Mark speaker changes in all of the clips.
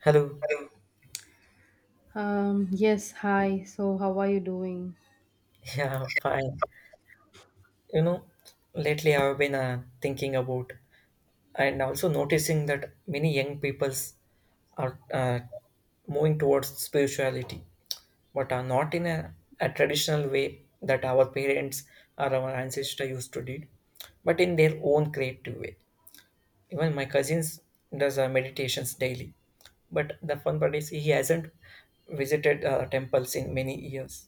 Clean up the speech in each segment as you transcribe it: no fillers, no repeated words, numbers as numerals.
Speaker 1: Hello.
Speaker 2: Yes, hi. So, how are you doing?
Speaker 1: Yeah, fine. You know, lately I've been thinking about and also noticing that many young peoples are moving towards spirituality, but are not in a traditional way that our parents or our ancestors used to do, but in their own creative way. Even my cousins does meditations daily, but the fun part is he hasn't visited temples in many years,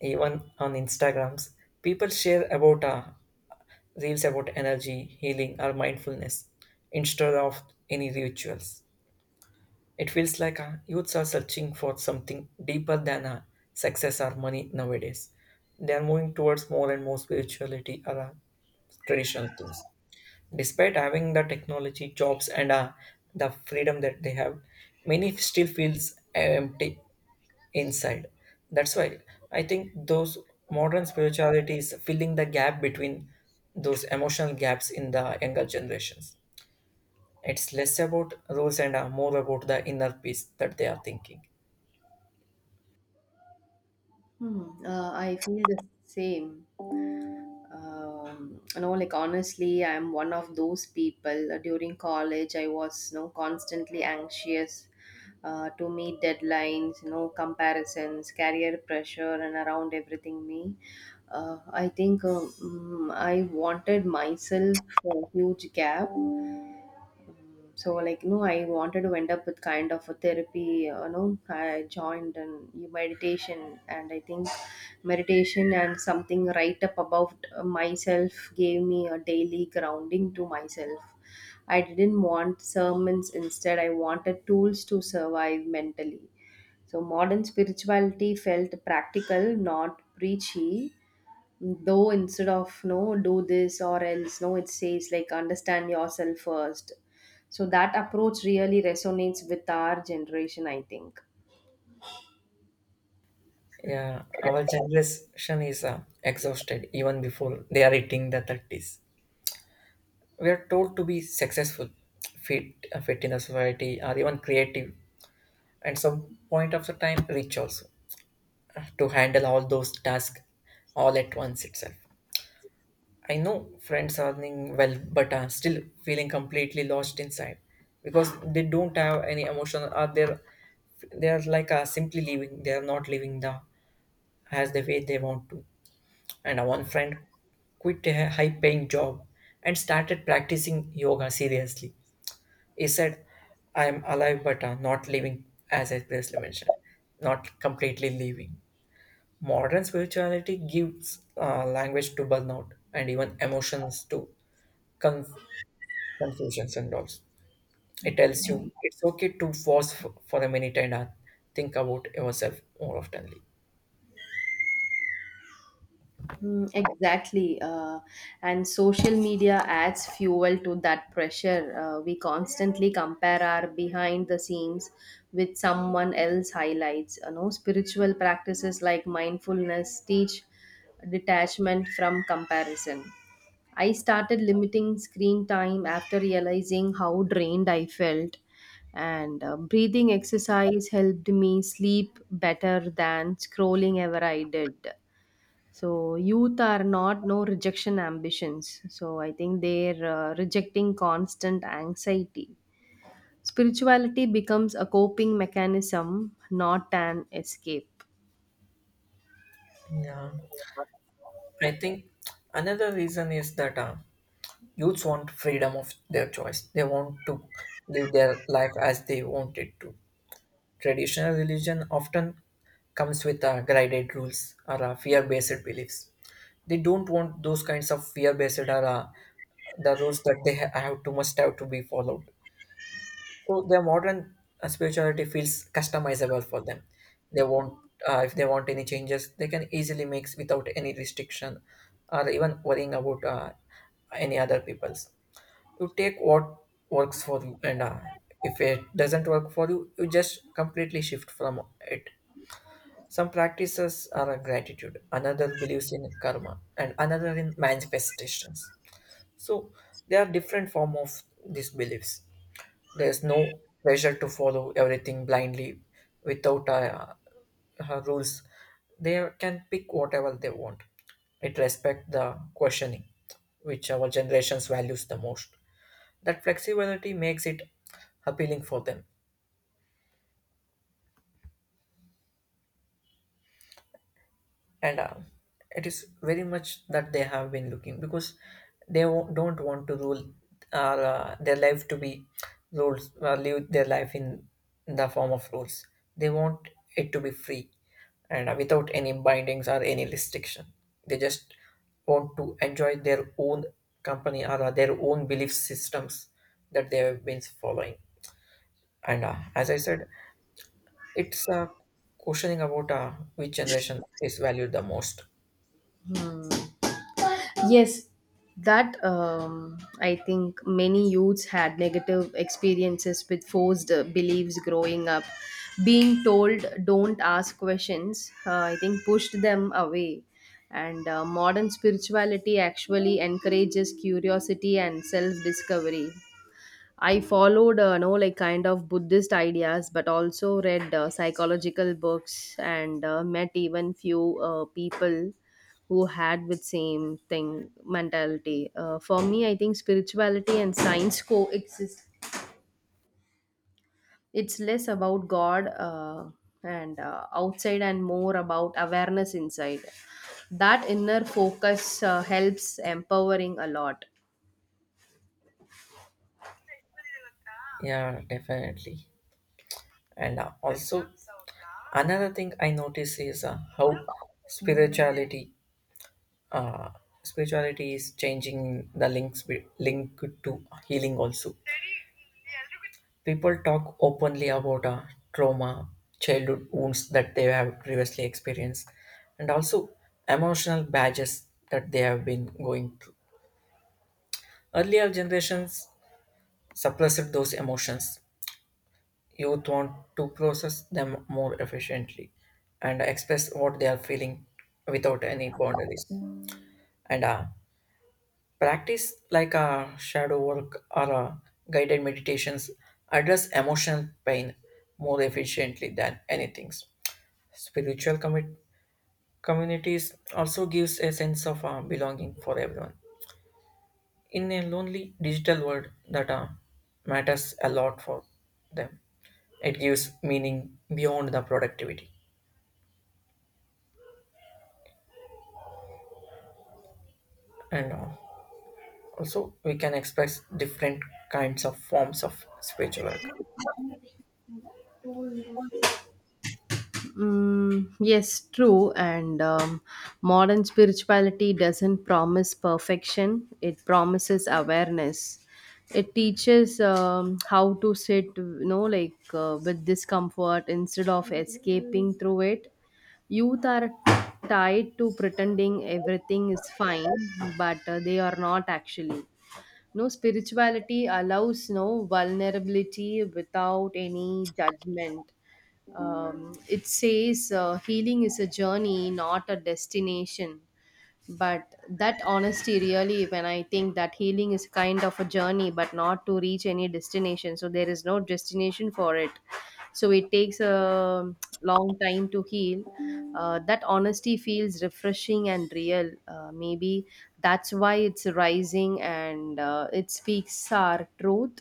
Speaker 1: even on Instagrams. People share about reels about energy, healing, or mindfulness instead of any rituals. It feels like youths are searching for something deeper than success or money nowadays. They are moving towards more and more spirituality or traditional things. Despite having the technology, jobs, and the freedom that they have, many still feels empty inside. That's why I think those modern spirituality is filling the gap between those emotional gaps in the younger generations. It's less about rules and more about the inner peace that they are thinking.
Speaker 2: Hmm. I feel the same. Honestly, I'm one of those people. During college, I was, you know, constantly anxious to meet deadlines, you know, comparisons, career pressure, and around everything me. I think I wanted myself a huge gap, so like no I wanted to end up with kind of a therapy. You know, I joined and meditation and I think meditation and something right up about myself gave me a daily grounding to myself. I didn't want sermons. Instead, I wanted tools to survive mentally. So modern spirituality felt practical, not preachy. Though instead of no do this or else, no it says like understand yourself first. So that approach really resonates with our generation, I think.
Speaker 1: Yeah, our generation is exhausted even before they are hitting the 30s. We are told to be successful, fit, fit in the society, or even creative, and some point of the time rich also, to handle all those tasks all at once itself. I know friends are doing well, but are still feeling completely lost inside because they don't have any emotion. Are they they're like simply living. They are not living the as the way they want to. And one friend quit a high-paying job and started practicing yoga seriously. He said, "I am alive, but not living." As I previously mentioned, not completely living. Modern spirituality gives language to burnout and even emotions too. Con- Confusions and all. It tells you it's okay to pause for a minute and think about yourself more oftenly.
Speaker 2: Mm, exactly. And social media adds fuel to that pressure. We constantly compare our behind the scenes with someone else highlights. You know, spiritual practices like mindfulness teach detachment from comparison. I started limiting screen time after realizing how drained I felt. And breathing exercise helped me sleep better than scrolling ever I did. So youth are not no rejection ambitions. So I think they're rejecting constant anxiety. Spirituality becomes a coping mechanism, not an escape.
Speaker 1: Yeah, I think another reason is that youths want freedom of their choice. They want to live their life as they want it to. Traditional religion often comes with guided rules or fear-based beliefs. They don't want those kinds of fear-based, or the rules that they have to must have to be followed. So their modern spirituality feels customizable for them. They want, if they want any changes, they can easily make without any restriction, or even worrying about any other people's. You take what works for you, and if it doesn't work for you, you just completely shift from it. Some practices are gratitude, another believes in karma, and another in manifestations. So there are different form of these beliefs. There's no pressure to follow everything blindly without rules. They can pick whatever they want. It respects the questioning, which our generations values the most. That flexibility makes it appealing for them, and it is very much that they have been looking, because they don't want to rule their life to be rules, live their life in the form of rules. They want it to be free and without any bindings or any restriction. They just want to enjoy their own company or their own belief systems that they have been following, and as I said, it's questioning about which generation is valued the most.
Speaker 2: Yes, that I think many youths had negative experiences with forced beliefs growing up. Being told don't ask questions, I think pushed them away. And modern spirituality actually encourages curiosity and self discovery. I followed, no, like kind of Buddhist ideas, but also read psychological books and met even few people who had with same thing mentality. For me, I think spirituality and science coexist. It's less about God and outside, and more about awareness inside. That inner focus helps empowering a lot.
Speaker 1: Yeah, definitely. And also, another thing I notice is how spirituality, uh, is changing the links with, link to healing. Also, people talk openly about trauma, childhood wounds that they have previously experienced, and also emotional badges that they have been going through. Earlier generations suppressed those emotions. Youth want to process them more efficiently and express what they are feeling without any boundaries. And practice like shadow work or guided meditations address emotional pain more efficiently than anything. Spiritual commi- communities also gives a sense of belonging for everyone. In a lonely digital world that matters a lot for them, it gives meaning beyond the productivity. And also we can express different kinds of forms of speech work.
Speaker 2: Mm, yes, true. And modern spirituality doesn't promise perfection, it promises awareness. It teaches how to sit, you know, like with discomfort instead of escaping through it. Youth are tied to pretending everything is fine, but they are not actually. No, Spirituality allows vulnerability without any judgment. It says healing is a journey, not a destination. But that honesty really, when I think that healing is kind of a journey but not to reach any destination, so there is no destination for it, so it takes a long time to heal. That honesty feels refreshing and real. Maybe that's why it's rising, and it speaks our truth.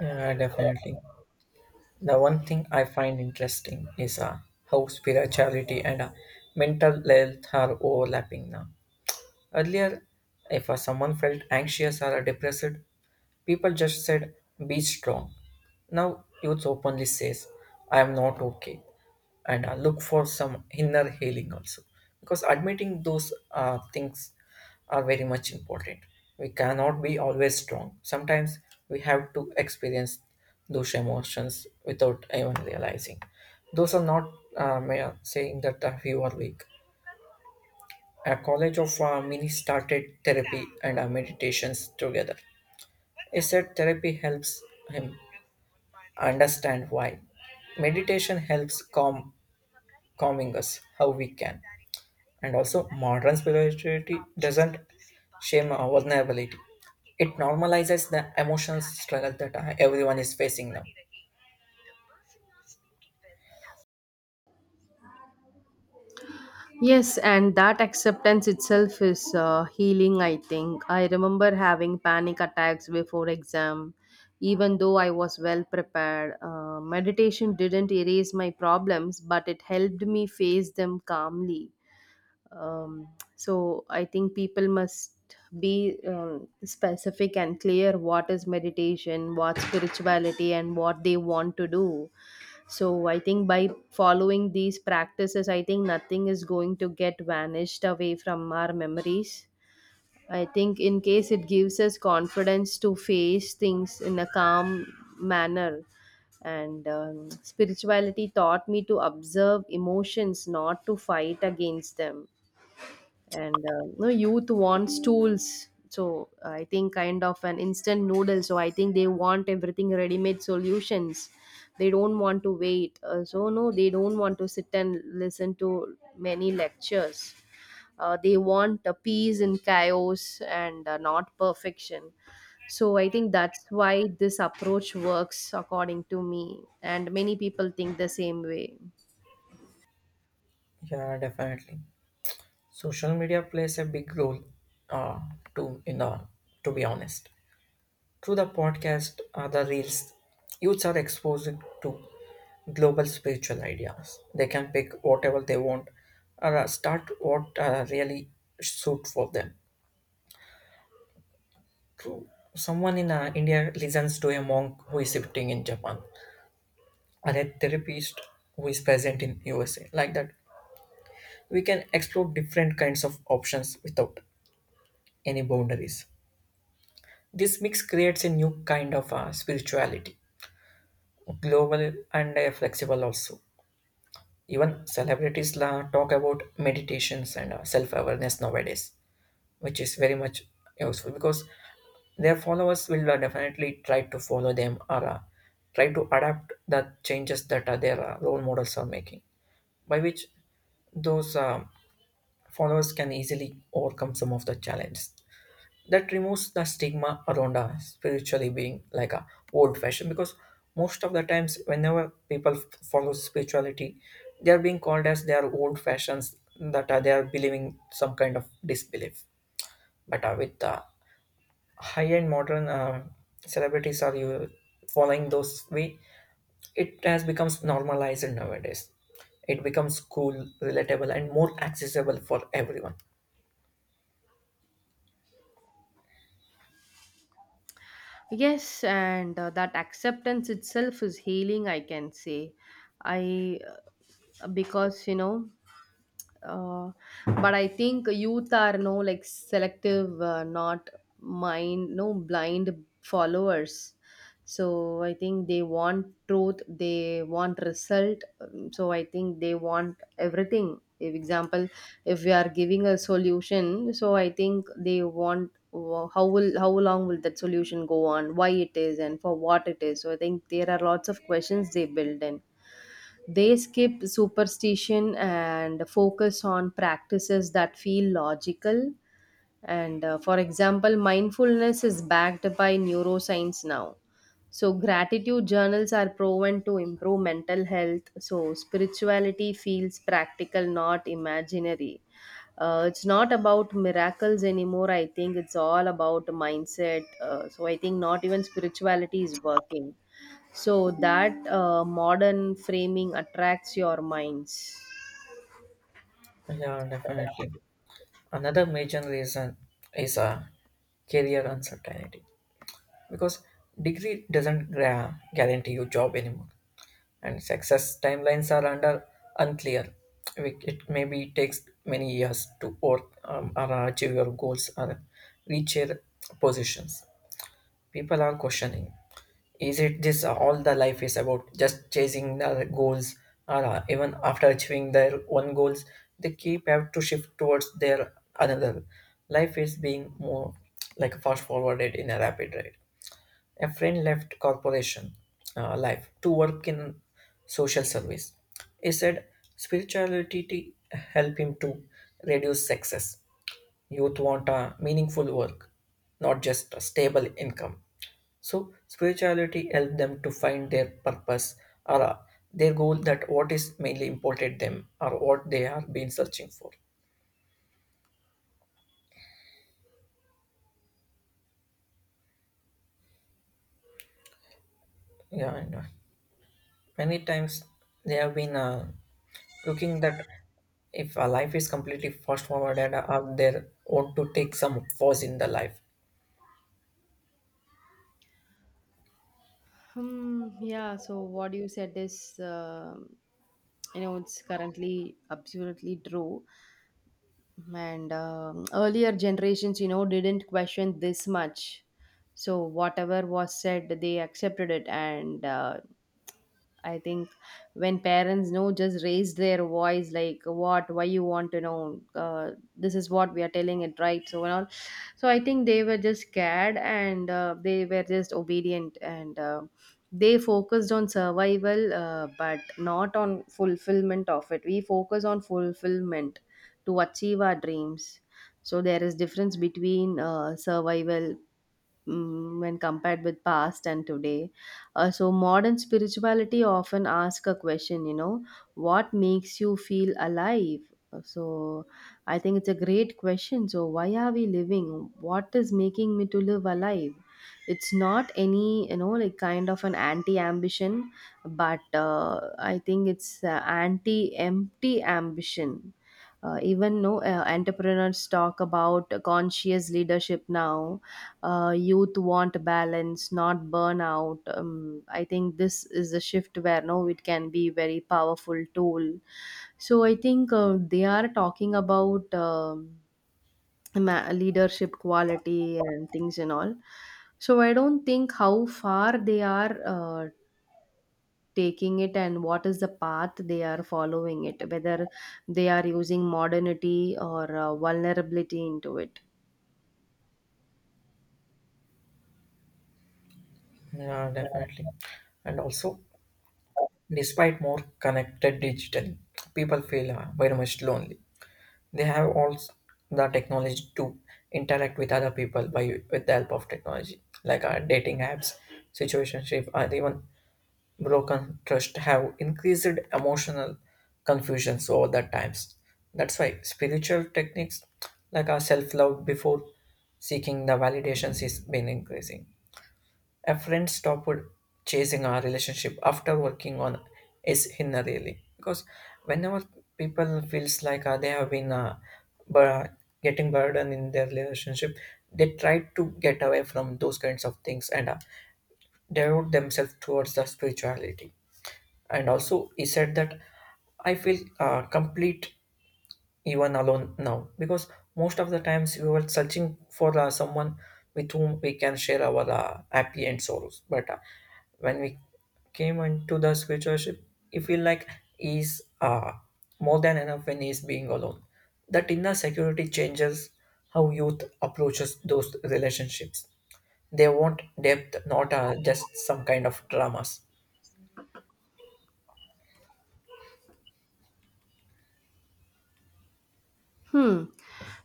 Speaker 1: Yeah, definitely. The one thing I find interesting is how spirituality and mental health are overlapping now. Earlier, if someone felt anxious or depressed, people just said, be strong. Now, youth openly says, I am not okay. And look for some inner healing also. Because admitting those things are very much important. We cannot be always strong. Sometimes we have to experience those emotions without even realizing. Those are not saying that you are weak. A college of Mini started therapy and meditations together. He said therapy helps him understand why. Meditation helps calming us how we can. And also, modern spirituality doesn't shame our vulnerability. It normalizes the emotional struggle that everyone is facing now.
Speaker 2: Yes, and that acceptance itself is healing, I think. I remember having panic attacks before exam, even though I was well prepared. Meditation didn't erase my problems, but it helped me face them calmly. Um, so I think people must be specific and clear what is meditation, what spirituality, and what they want to do. So I think by following these practices, I think nothing is going to get vanished away from our memories. I think in case it gives us confidence to face things in a calm manner. And spirituality taught me to observe emotions, not to fight against them. And no youth wants tools, so I think kind of an instant noodle, so I think they want everything ready made solutions. They don't want to wait. So they don't want to sit and listen to many lectures. They want a peace in chaos and not perfection. So I think that's why this approach works according to me, and many people think the same way.
Speaker 1: Yeah, definitely. Social media plays a big role, uh, to In the to be honest. Through the podcast or the reels, youths are exposed to global spiritual ideas. They can pick whatever they want or start what really suit for them. True. Someone in India listens to a monk who is sitting in Japan, or a therapist who is present in USA. Like that, we can explore different kinds of options without any boundaries. This mix creates a new kind of spirituality, global and flexible also. Even celebrities la, talk about meditations and self-awareness nowadays, which is very much useful because their followers will definitely try to follow them or try to adapt the changes that their role models are making, by which those followers can easily overcome some of the challenges. That removes the stigma around a spiritually being like a old fashioned, because most of the times whenever people follow spirituality, they are being called as they are old fashions, that are they are believing some kind of disbelief. But with the high end modern celebrities are you following those way, it has becomes normalized nowadays. It becomes cool, relatable, and more accessible for everyone.
Speaker 2: Yes, and that acceptance itself is healing, I can say. I, because you know, uh, but I think youth are like selective, not mind no blind followers. So I think they want truth, they want result. So I think they want everything. If example, if we are giving a solution, so I think they want how will, how long will that solution go on, why it is, and for what it is. So I think there are lots of questions they build in. They skip superstition and focus on practices that feel logical. And for example, mindfulness is backed by neuroscience now. So, gratitude journals are proven to improve mental health. So, spirituality feels practical, not imaginary. It's not about miracles anymore. I think it's all about mindset. So, I think not even spirituality is working. So that modern framing attracts your minds.
Speaker 1: Yeah, definitely. Another major reason is a career uncertainty, because degree doesn't gra- guarantee you job anymore, and success timelines are under unclear. It maybe takes many years to work, or achieve your goals or reach your positions. People are questioning, is it this all the life is about just chasing the goals, or even after achieving their one goals they keep have to shift towards their another. Life is being more like fast forwarded in a rapid rate. A friend left corporation life to work in social service. He said spirituality helped him to reduce success. Youth want a meaningful work, not just a stable income. So spirituality helps them to find their purpose or their goal, that what is mainly important them or what they have been searching for. Yeah, and many times they have been looking that if a life is completely fast forward and are there want to take some pause in the life.
Speaker 2: Hmm. Yeah. So what you said is, you know, it's currently absolutely true. And earlier generations, you know, didn't question this much. So whatever was said, they accepted it. And I think when parents know, just raise their voice, like, "What? Why you want to know? This is what we are telling it, right?" So now, so I think they were just scared and they were just obedient, and they focused on survival but not on fulfillment of it. We focus on fulfillment to achieve our dreams. So there is difference between survival when compared with past and today. So modern spirituality often asks a question, you know, what makes you feel alive? So I think it's a great question. So why are we living? What is making me to live alive? It's not any, you know, like kind of an anti-ambition, but I think it's anti-empty ambition. Even no entrepreneurs talk about conscious leadership now. Youth want balance, not burnout. I think this is a shift where no it can be very powerful tool. So I think they are talking about leadership quality and things and all. So I don't think how far they are taking it and what is the path they are following it, whether they are using modernity or vulnerability into it.
Speaker 1: Yeah, definitely. And also, despite more connected digitally, people feel very much lonely. They have the technology to interact with other people by with the help of technology, like dating apps, situationship, and even broken trust have increased emotional confusions over the times. That's why spiritual techniques like our self love before seeking the validations is been increasing. A friend stopped chasing our relationship after working on is Hinna really, because whenever people feels like they have been bur- getting burden in their relationship, they try to get away from those kinds of things and devote themselves towards the spirituality. And also, he said that I feel complete even alone now, because most of the times we were searching for someone with whom we can share our happy and sorrows, but when we came into the spiritualship we feel like is more than enough when he's being alone. That inner security changes how youth approaches those relationships. They want depth, not just some kind of dramas.
Speaker 2: Hmm.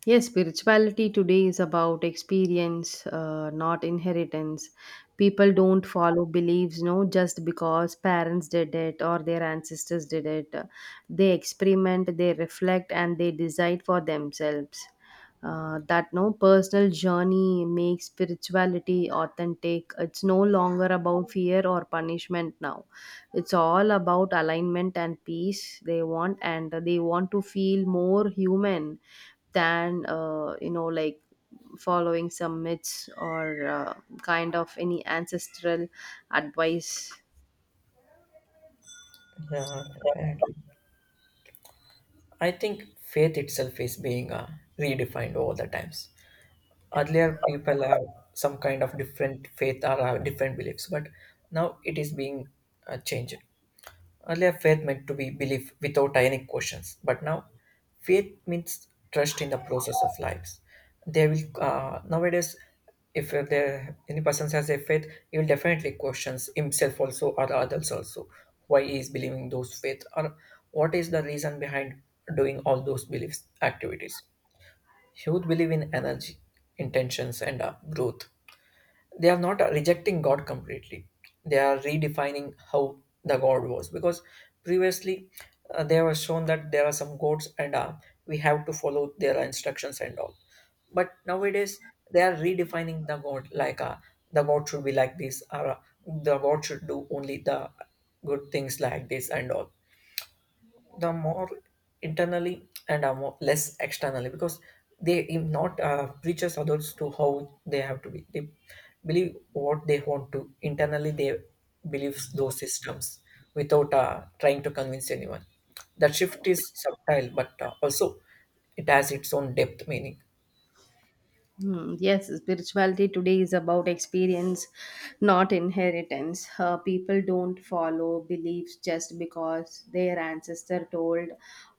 Speaker 2: Yes, spirituality today is about experience, not inheritance. People don't follow beliefs, no, just because parents did it or their ancestors did it. They experiment, they reflect, and they decide for themselves. That no personal journey makes spirituality authentic. It's no longer about fear or punishment now. It's all about alignment and peace they want, and they want to feel more human than following some myths or kind of any ancestral advice.
Speaker 1: Yeah, definitely. I think faith itself is being redefined over the times. Earlier people have some kind of different faith or have different beliefs, but now it is being changed. Earlier faith meant to be belief without any questions, but now faith means trust in the process of lives. They will, nowadays, if there any person has a faith, he will definitely questions himself also or others also, why he is believing those faith, or what is the reason behind doing all those beliefs activities. Youth believe in energy, intentions, and growth. They are not rejecting God completely. They are redefining how the God was because previously they were shown that there are some gods and we have to follow their instructions and all. But nowadays they are redefining the God like the God should be like this or the God should do only the good things like this and all the more internally and are more less externally because not preaches others to how they have to be, they believe what they want to internally, they believe those systems without trying to convince anyone. That shift is subtle but also it has its own depth meaning.
Speaker 2: Hmm. Yes, spirituality today is about experience, not inheritance. People don't follow beliefs just because their ancestor told,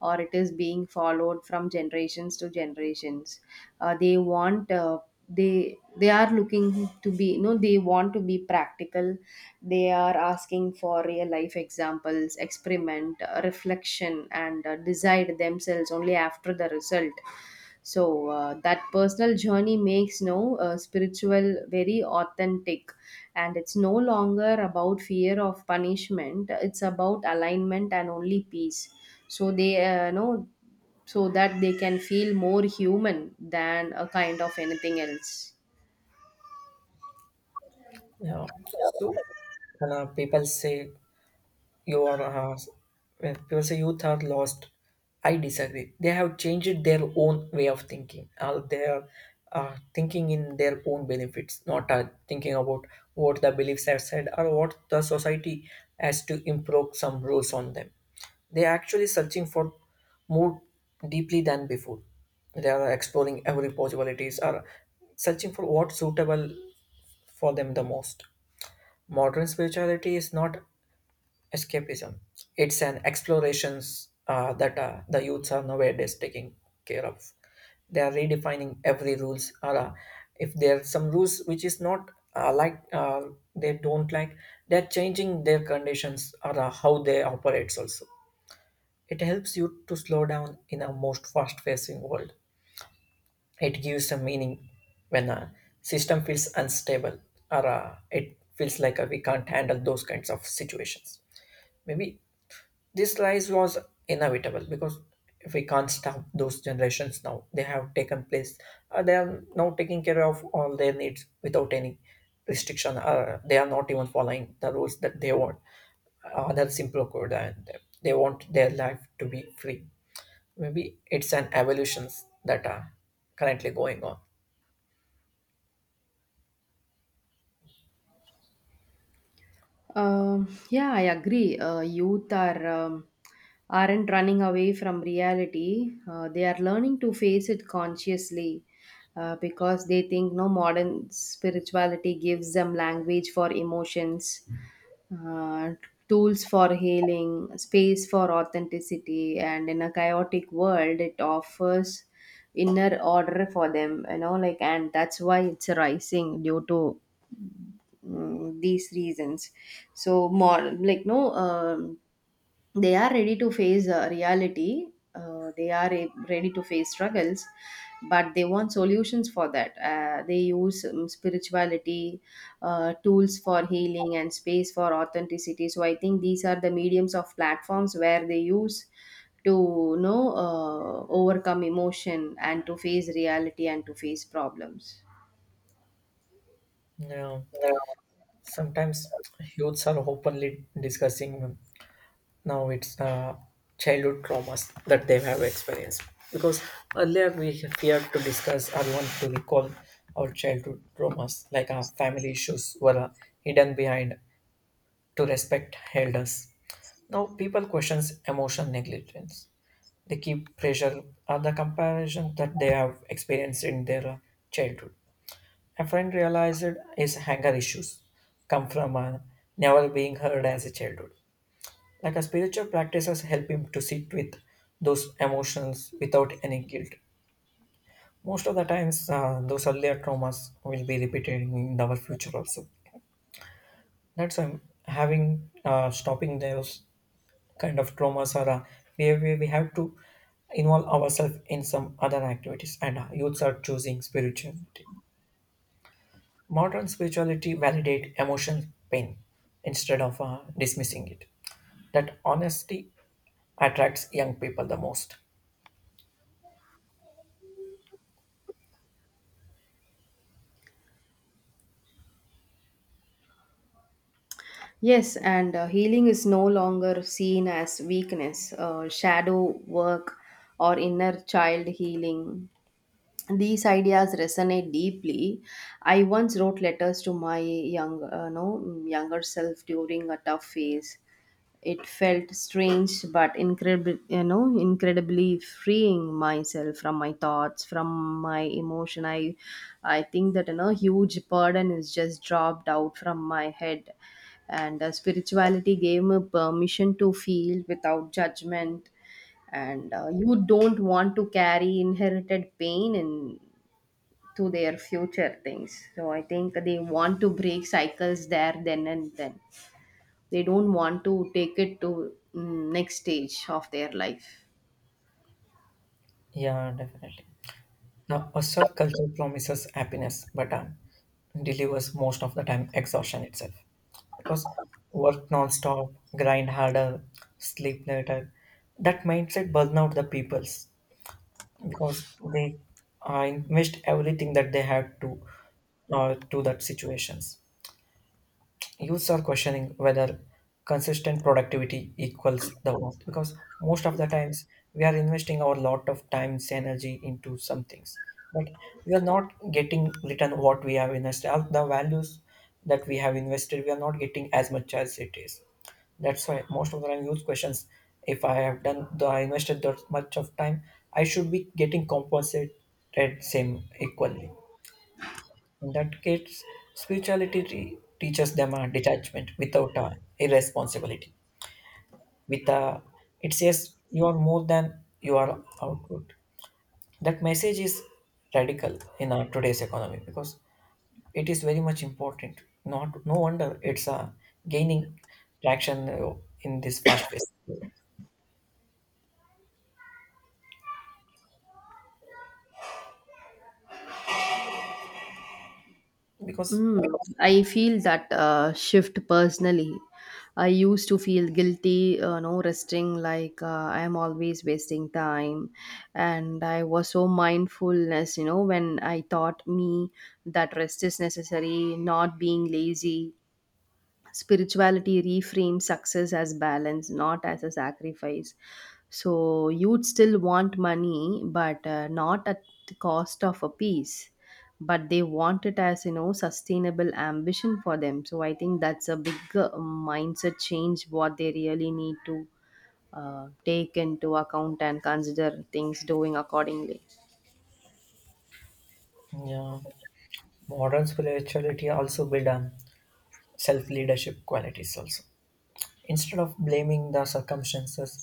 Speaker 2: or it is being followed from generations to generations. They want they are looking to be no they want to be practical. They are asking for real life examples, experiment, reflection, and decide themselves only after the result. So that personal journey makes no spiritual very authentic, and it's no longer about fear of punishment. It's about alignment and only peace. So they know so that they can feel more human than a kind of anything else.
Speaker 1: Yeah. So when people say you are when people say youth are lost, I disagree. They have changed their own way of thinking. They are thinking in their own benefits, not thinking about what the beliefs have said or what the society has to improve some rules on them. They are actually searching for more deeply than before. They are exploring every possibilities or searching for what's suitable for them the most. Modern spirituality is not escapism. It's an explorations that the youths are nowadays taking care of. They are redefining every rules. Or if there are some rules which is not like they don't like, they're changing their conditions or how they operates also. It helps you to slow down in a most fast-facing world. It gives a meaning when a system feels unstable or it feels like we can't handle those kinds of situations. Maybe this rise was inevitable because if we can't stop those generations now, they have taken place. They are now taking care of all their needs without any restriction. They are not even following the rules that they want, other simple code, and they want their life to be free. Maybe it's an evolutions that are currently going on.
Speaker 2: Yeah, I agree. Youth are aren't running away from reality. They are learning to face it consciously, because they think no modern spirituality gives them language for emotions, uh, tools for healing, space for authenticity, and in a chaotic world, it offers inner order for them. You know, like, and that's why it's rising due to these reasons. So more like, no they are ready to face reality. They are ready to face struggles, but they want solutions for that. They use spirituality, tools for healing and space for authenticity. So I think these are the mediums of platforms where they use to, you know, overcome emotion and to face reality and to face problems.
Speaker 1: You sometimes youths are openly discussing now. It's childhood traumas that they have experienced, because earlier we feared to discuss or want to recall our childhood traumas. Like our family issues were hidden behind to respect elders. Now people questions emotional negligence. They keep pressure on the comparison that they have experienced in their childhood. A friend realized his anger issues come from never being heard as a childhood. Like a spiritual practices help him to sit with those emotions without any guilt. Most of the times, those earlier traumas will be repeated in our future also. That's why having stopping those kind of traumas or behavior, we have to involve ourselves in some other activities. And youths are choosing spirituality. Modern spirituality validate emotional pain instead of dismissing it. That honesty attracts young people the most.
Speaker 2: Yes, and healing is no longer seen as weakness. Shadow work or inner child healing, these ideas resonate deeply. I once wrote letters to my young no younger self during a tough phase. It felt strange but incredible, you know, incredibly freeing myself from my thoughts, from my emotion. I think that, you know, huge burden is just dropped out from my head. And spirituality gave me permission to feel without judgment. And you don't want to carry inherited pain in to their future things. So I think they want to break cycles there, then and then. They don't want to take it to next stage of their life.
Speaker 1: Yeah, definitely. Now, hustle culture promises happiness, but delivers most of the time exhaustion itself. Because work non-stop, grind harder, sleep later. That mindset burns out the peoples because they invest everything that they have to that situations. Youths are questioning whether consistent productivity equals the worth, because most of the times we are investing our lot of times energy into some things, but we are not getting return what we have invested. All the values that we have invested, we are not getting as much as it is. That's why most of the time use questions, if I have done the I invested that much of time, I should be getting compensated same equally. In that case, spirituality teaches them a detachment without a irresponsibility. With a, it says you are more than you are outward. That message is radical in our today's economy because it is very much important. Not no wonder it's a gaining traction in this past phase because
Speaker 2: Mm, I feel that shift personally. I used to feel guilty, no resting, like I am always wasting time. And I was so mindfulness, you know, when I taught me that rest is necessary, not being lazy. Spirituality reframes success as balance, not as a sacrifice. So you'd still want money but not at the cost of a peace. But they want it as, you know, sustainable ambition for them. So I think that's a big mindset change what they really need to take into account and consider things doing accordingly.
Speaker 1: yeah, modern spirituality also build self leadership qualities also. Instead of blaming the circumstances,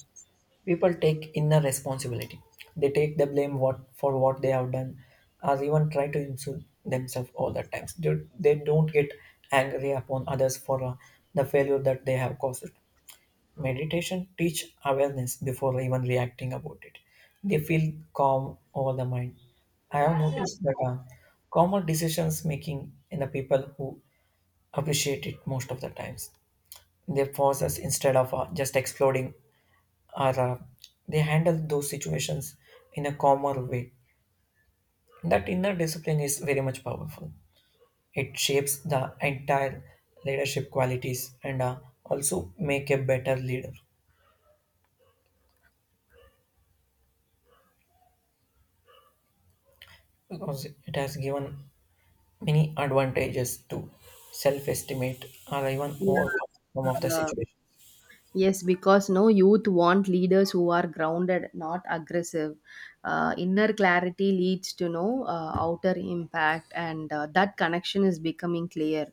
Speaker 1: people take inner responsibility. They take the blame what for what they have done, or even try to insult themselves all the times. They don't get angry upon others for the failure that they have caused. Meditation teach awareness before even reacting about it. They feel calm over the mind. I have noticed that calmer decisions making in the people who appreciate it most of the times their forces instead of just exploding or they handle those situations in a calmer way. That inner discipline is very much powerful. It shapes the entire leadership qualities and also make a better leader, because it has given many advantages to self-estimate or even overcome some of the
Speaker 2: Yeah.
Speaker 1: situation.
Speaker 2: Yes, because no youth want leaders who are grounded, not aggressive. Inner clarity leads to no outer impact, and that connection is becoming clear.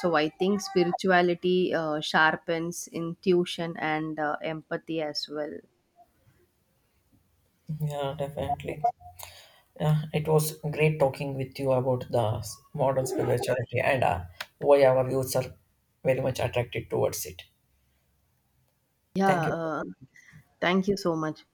Speaker 2: So I think spirituality sharpens intuition and empathy as well.
Speaker 1: Yeah, definitely. Yeah, it was great talking with you about the modern spirituality and why our youths are very much attracted towards it.
Speaker 2: Yeah,
Speaker 1: Thank you.
Speaker 2: uh, Thank you so much.